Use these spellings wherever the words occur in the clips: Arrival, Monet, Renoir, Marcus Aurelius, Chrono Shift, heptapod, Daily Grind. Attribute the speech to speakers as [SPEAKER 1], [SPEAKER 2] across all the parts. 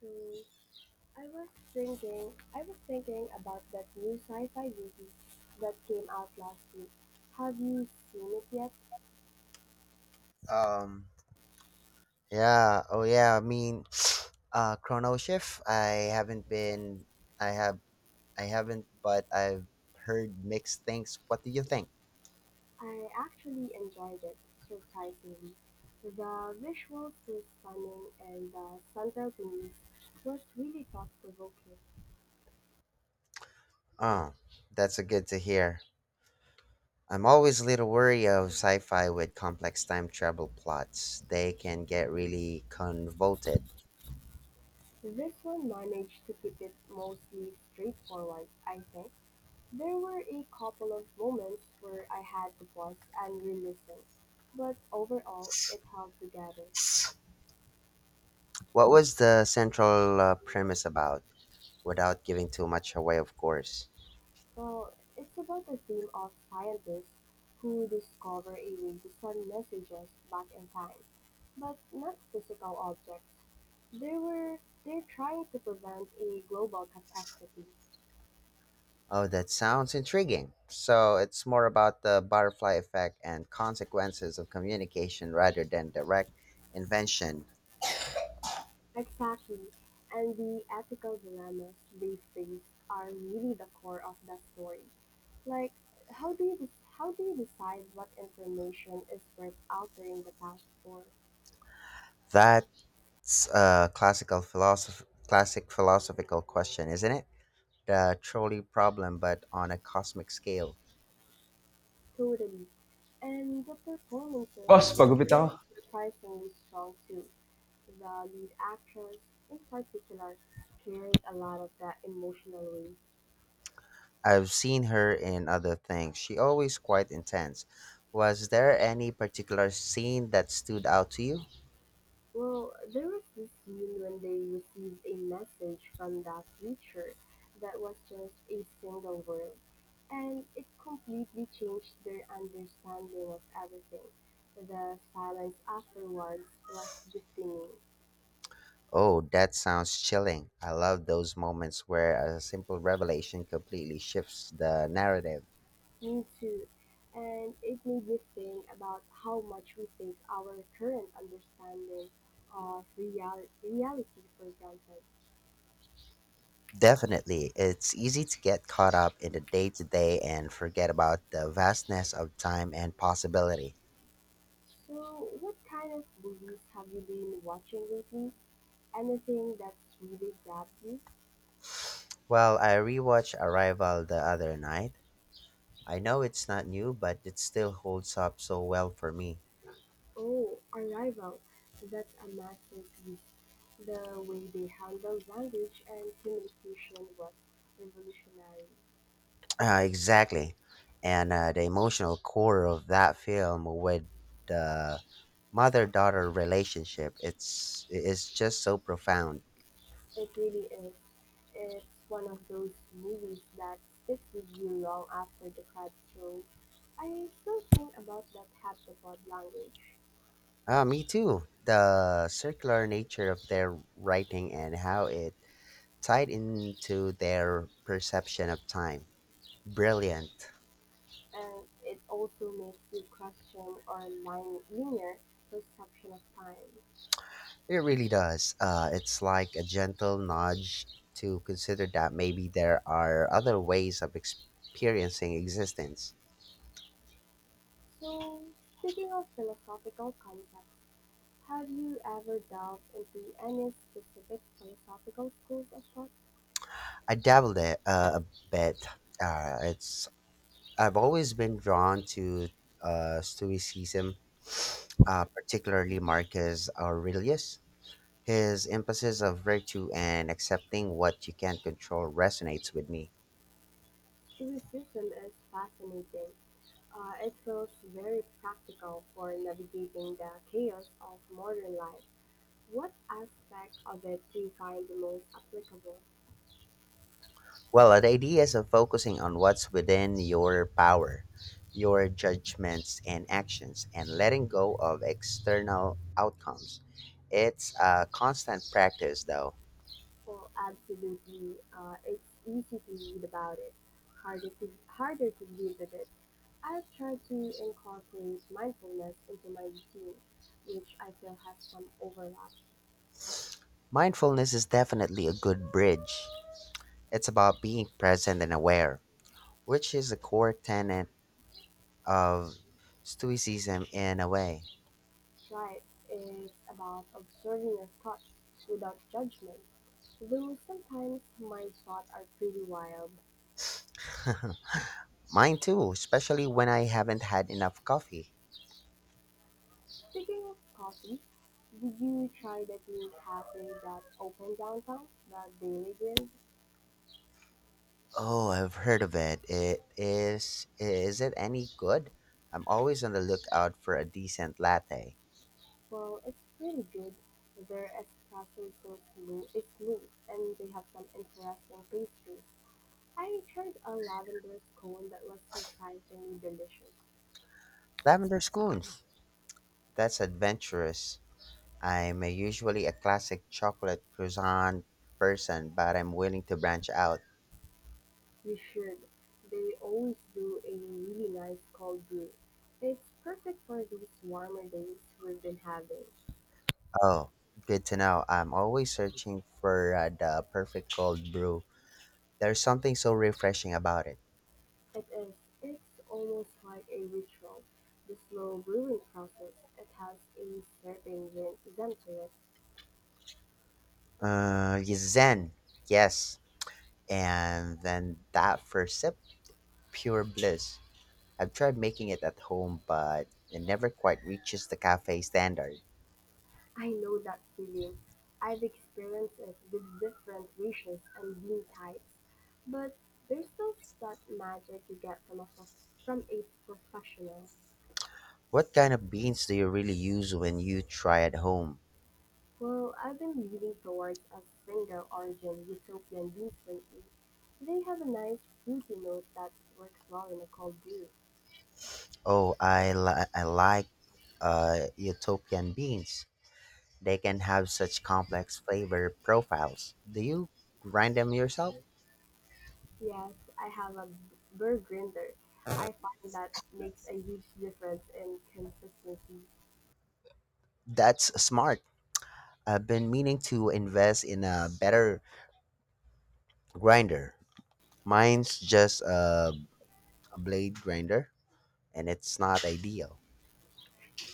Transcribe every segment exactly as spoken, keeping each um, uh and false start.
[SPEAKER 1] So I was thinking I was thinking about that new sci-fi movie that came out last week. Have you seen it yet?
[SPEAKER 2] Um, yeah. Oh, yeah. I mean, uh, Chrono Shift. I haven't been. I have. I haven't, but I've heard mixed things. What do you think?
[SPEAKER 1] I actually enjoyed it, surprisingly. The visuals were stunning and the central themes was really thought-provoking.
[SPEAKER 2] Oh, that's a good to hear. I'm always a little wary of sci-fi with complex time travel plots. They can get really convoluted.
[SPEAKER 1] This one managed to keep it mostly straightforward, I think. There were a couple of moments where I had to pause and re-listen, but overall it held together.
[SPEAKER 2] What was the central uh, premise about? Without giving too much away, of course.
[SPEAKER 1] Well, it's about the theme of scientists who discover a way to send messages back in time, but not physical objects. They were they're trying to prevent a global catastrophe.
[SPEAKER 2] Oh, that sounds intriguing. So it's more about the butterfly effect and consequences of communication rather than direct invention.
[SPEAKER 1] Exactly. And the ethical dilemmas they face are really the core of the story. Like how do you de- how do you decide what information is worth altering the past for?
[SPEAKER 2] That's a classical philosoph- classic philosophical question, isn't it? The trolley problem, but on a cosmic scale.
[SPEAKER 1] Totally. And the performances
[SPEAKER 2] Boss,
[SPEAKER 1] were
[SPEAKER 2] pagupit ako.
[SPEAKER 1] surprisingly strong too. The lead actress, in particular, carried a lot of that emotional weight.
[SPEAKER 2] I've seen her in other things. She always quite intense. Was there any particular scene that stood out to you?
[SPEAKER 1] Well, there was this scene when they received a message from that creature that was just a single word, and it completely changed their understanding of everything. The silence afterwards was deafening.
[SPEAKER 2] Oh, that sounds chilling. I love those moments where a simple revelation completely shifts the narrative.
[SPEAKER 1] Me too. And it made me think about how much we take our current understanding of real- reality for granted.
[SPEAKER 2] Definitely, it's easy to get caught up in the day to day and forget about the vastness of time and possibility.
[SPEAKER 1] So, what kind of movies have you been watching lately? Anything that's really grabbed you?
[SPEAKER 2] Well, I rewatched Arrival the other night. I know it's not new, but it still holds up so well for me.
[SPEAKER 1] Oh, Arrival. That's a masterpiece. The way they handled language and communication was revolutionary.
[SPEAKER 2] Uh, exactly. And uh, the emotional core of that film with the mother-daughter relationship it's its just so profound.
[SPEAKER 1] It really is. It's one of those movies that sticks with you long after the credits roll. I still think about that heptapod language,
[SPEAKER 2] Ah, me too, the circular nature of their writing and how it tied into their perception of time, brilliant.
[SPEAKER 1] and it also makes you question our line, linear perception of time.
[SPEAKER 2] It really does, uh it's like a gentle nudge to consider that maybe there are other ways of experiencing existence.
[SPEAKER 1] So, speaking of philosophical concepts, have you ever delved into any specific philosophical schools of thought?
[SPEAKER 2] I dabbled it uh, a bit. Uh, it's I've always been drawn to uh, Stoicism, uh, particularly Marcus Aurelius. His emphasis of virtue and accepting what you can't control resonates with me.
[SPEAKER 1] Tourism is fascinating. Uh, it feels very practical for navigating the chaos of modern life. What aspect of it do you find the most applicable?
[SPEAKER 2] Well, the ideas of focusing on what's within your power, your judgments and actions, and letting go of external outcomes. It's a constant practice, though.
[SPEAKER 1] Well, absolutely. Uh, it's easy to read about it, harder to harder to deal with it. I've tried to incorporate mindfulness into my routine, which I feel has some overlap.
[SPEAKER 2] Mindfulness is definitely a good bridge. It's about being present and aware which is a core tenet of Stoicism in a way.
[SPEAKER 1] Right is about observing your thoughts without judgment, though sometimes my thoughts are pretty wild.
[SPEAKER 2] Mine too, especially when I haven't had enough coffee.
[SPEAKER 1] Speaking of coffee, did you try that new cafe that opened downtown, the Daily Grind?
[SPEAKER 2] Oh, I've heard of it. It is is it any good? I'm always on the lookout for a decent latte.
[SPEAKER 1] Well, it's pretty good. Their espresso so smooth, is smooth, and they have some interesting pastries. I tried a lavender scone that was surprisingly delicious.
[SPEAKER 2] Lavender scones. That's adventurous. I'm a usually a classic chocolate croissant person, but I'm willing to branch out.
[SPEAKER 1] You should. They always do a really nice cold brew. It's perfect for these warmer days we've been having.
[SPEAKER 2] Oh, good to know. I'm always searching for uh, the perfect cold brew. There's something so refreshing about it.
[SPEAKER 1] It is. It's almost like a ritual. The slow brewing process. It has a certain zen to it.
[SPEAKER 2] Uh, y- zen, yes. And then that first sip, pure bliss. I've tried making it at home, but it never quite reaches the cafe standard.
[SPEAKER 1] I know that feeling. I've experienced it with different ratios and bean types, but there's still that magic you get from a prof- from a professional.
[SPEAKER 2] What kind of beans do you really use when you try at home?
[SPEAKER 1] Well, I've been leaning towards a single origin utopian beans lately. They have a nice fruity note that works well in a cold brew.
[SPEAKER 2] Oh, I, li- I like uh, utopian beans. They can have such complex flavor profiles. Do you grind them yourself?
[SPEAKER 1] Yes, I have a burr grinder. I find that makes a huge difference in consistency.
[SPEAKER 2] That's smart. I've been meaning to invest in a better grinder. Mine's just a, a blade grinder, and it's not ideal.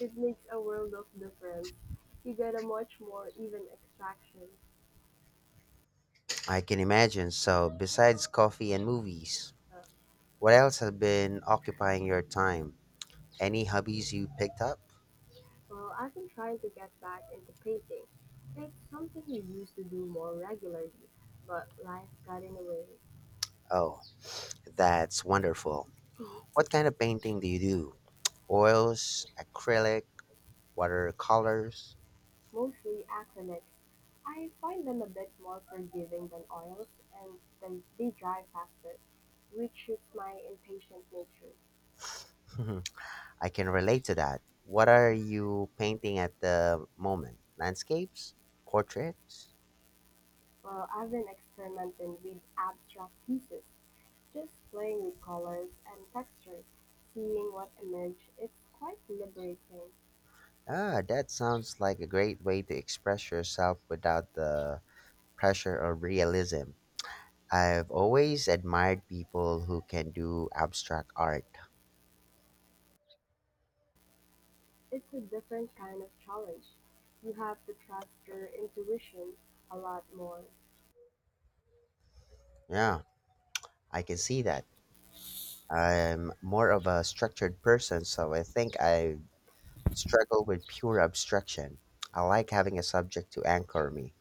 [SPEAKER 1] It makes a world of difference. You get a much more even extraction.
[SPEAKER 2] I can imagine. So, besides coffee and movies, what else has been occupying your time? Any hobbies you picked up?
[SPEAKER 1] Well, I've been trying to get back into painting. It's something we used to do more regularly, but life got in the way.
[SPEAKER 2] Oh, that's wonderful. What kind of painting do you do? Oils, acrylic, watercolors?
[SPEAKER 1] Mostly acrylics. I find them a bit more forgiving than oils and then they dry faster, which suits my impatient nature.
[SPEAKER 2] Mhm. I can relate to that. What are you painting at the moment? Landscapes? Portraits?
[SPEAKER 1] Well, I've been experimenting with abstract pieces, just playing with colors and textures, seeing what emerges. It's quite liberating.
[SPEAKER 2] Ah, that sounds like a great way to express yourself without the pressure of realism. I've always admired people who can do abstract art.
[SPEAKER 1] It's a different kind of challenge. You have to trust your intuition a lot more.
[SPEAKER 2] Yeah, I can see that. I'm more of a structured person, so I think I struggle with pure abstraction. I like having a subject to anchor me.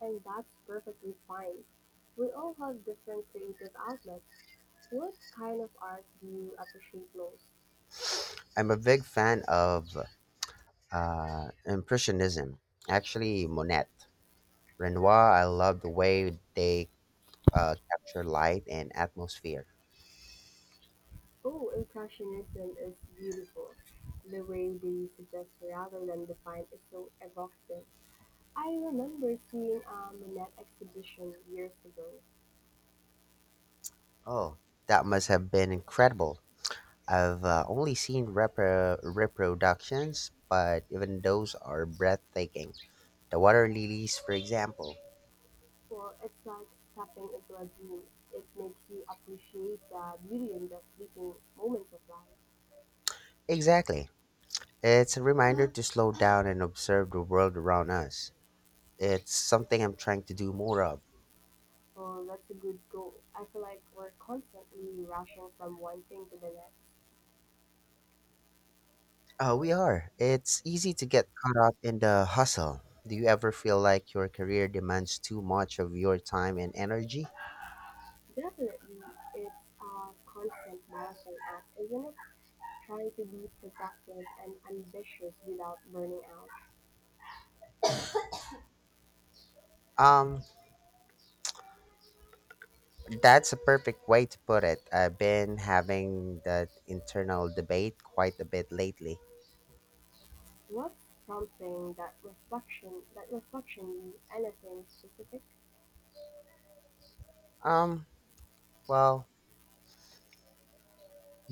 [SPEAKER 1] And that's perfectly fine. We all have different creative outlets. What kind of art do you appreciate most?
[SPEAKER 2] I'm a big fan of uh, Impressionism, actually, Monet. Renoir, I love the way they uh, capture light and atmosphere.
[SPEAKER 1] Oh, Impressionism is beautiful. The way they suggest rather than define is so evocative. I remember seeing a Manette exhibition years ago.
[SPEAKER 2] Oh, that must have been incredible. I've uh, only seen repro- reproductions, but even those are breathtaking. The water lilies, for example.
[SPEAKER 1] Well, it's like stepping into a dream. It makes you appreciate the beauty in the fleeting moments of life.
[SPEAKER 2] Exactly. It's a reminder to slow down and observe the world around us. It's something I'm trying to do more of.
[SPEAKER 1] Oh, that's a good goal. I feel like we're constantly rushing from one thing to the next.
[SPEAKER 2] Uh, we are. It's easy to get caught up in the hustle. Do you ever feel like your career demands too much of your time and energy?
[SPEAKER 1] Definitely, it's a constant marathon act, isn't it? Trying to be productive and ambitious without burning out.
[SPEAKER 2] Um, That's a perfect way to put it. I've been having that internal debate quite a bit lately.
[SPEAKER 1] What's prompting that reflection? That reflection you anything specific?
[SPEAKER 2] Um, well,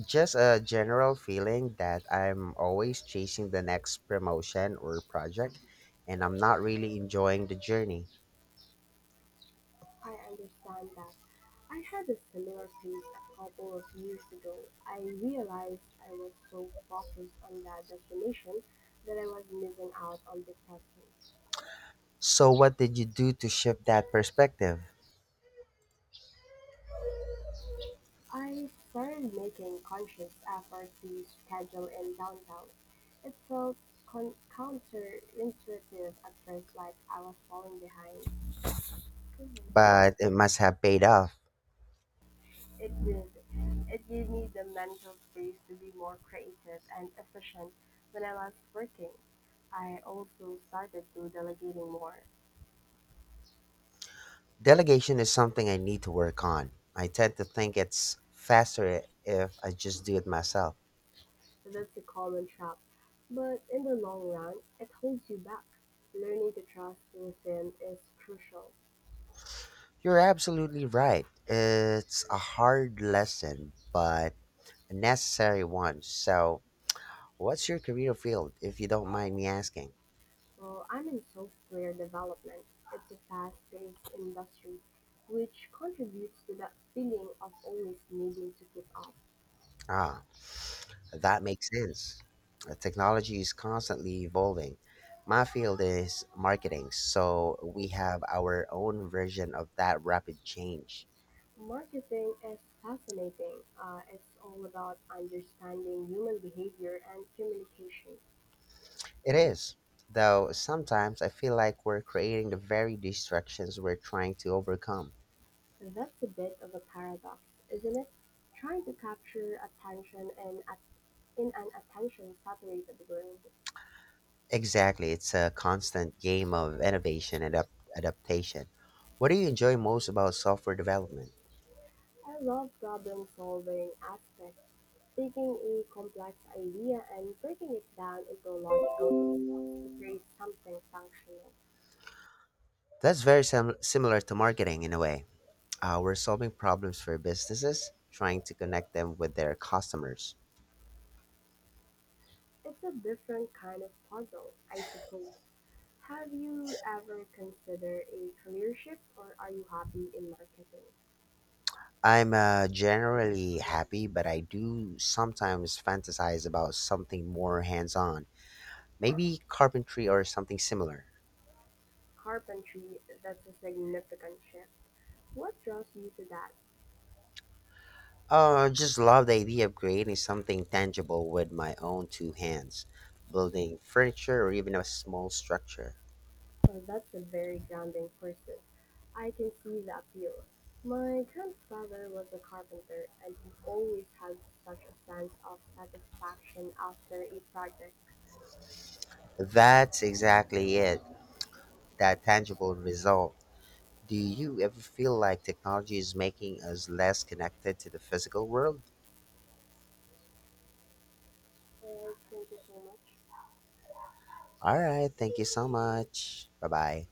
[SPEAKER 2] just a general feeling that I'm always chasing the next promotion or project and I'm not really enjoying the journey.
[SPEAKER 1] I understand that. I had a similar phase a couple of years ago. I realized I was so focused on that destination that I was missing out on the present.
[SPEAKER 2] So, what did you do to shift that perspective?
[SPEAKER 1] I started making conscious effort to schedule in downtown. It felt con- counterintuitive at first, like I was falling behind.
[SPEAKER 2] But
[SPEAKER 1] It
[SPEAKER 2] it must have paid off.
[SPEAKER 1] did. It gave me the mental space to be more creative and efficient when I was working. I also started to delegating more.
[SPEAKER 2] Delegation is something I need to work on. I tend to think it's faster if I just do it myself.
[SPEAKER 1] so That's a common trap. But in the long run, it holds you back. Learning to trust within is crucial.
[SPEAKER 2] You're absolutely right. It's a hard lesson, but a necessary one. So, what's your career field, if you don't mind me asking?
[SPEAKER 1] So I'm in software development. It's a fast-paced industry, which contributes to that feeling of always needing to keep up.
[SPEAKER 2] Ah, that makes sense. Uh, Technology is constantly evolving. My field is marketing, so we have our own version of that rapid change.
[SPEAKER 1] Marketing is fascinating. Uh, it's all about understanding human behavior and communication.
[SPEAKER 2] It is, though sometimes I feel like we're creating the very distractions we're trying to overcome.
[SPEAKER 1] So, That's a bit of a paradox, isn't it? Trying to capture attention in, a- in an attention-saturated world.
[SPEAKER 2] Exactly, it's a constant game of innovation and up- adaptation. What do you enjoy most about software development?
[SPEAKER 1] I love problem solving aspects, taking a complex idea and breaking it down into logical steps to create something functional.
[SPEAKER 2] That's very sim- similar to marketing in a way. Uh, we're solving problems for businesses, trying to connect them with their customers.
[SPEAKER 1] It's a different kind of puzzle, I suppose. Have you ever considered a career shift or are you happy in marketing?
[SPEAKER 2] I'm uh, generally happy, but I do sometimes fantasize about something more hands on, maybe carpentry or something similar.
[SPEAKER 1] Carpentry, that's a significant shift. What draws you to that?
[SPEAKER 2] Oh, I just love the idea of creating something tangible with my own two hands, building furniture or even a small structure.
[SPEAKER 1] Well, that's a very grounding person. I can see the appeal. My grandfather was a carpenter and he always had such a sense of satisfaction after a project.
[SPEAKER 2] That's exactly it, that tangible result. Do you ever feel like technology is making us less connected to the physical world?
[SPEAKER 1] Uh, thank you so much.
[SPEAKER 2] All right, thank you so much. Bye bye.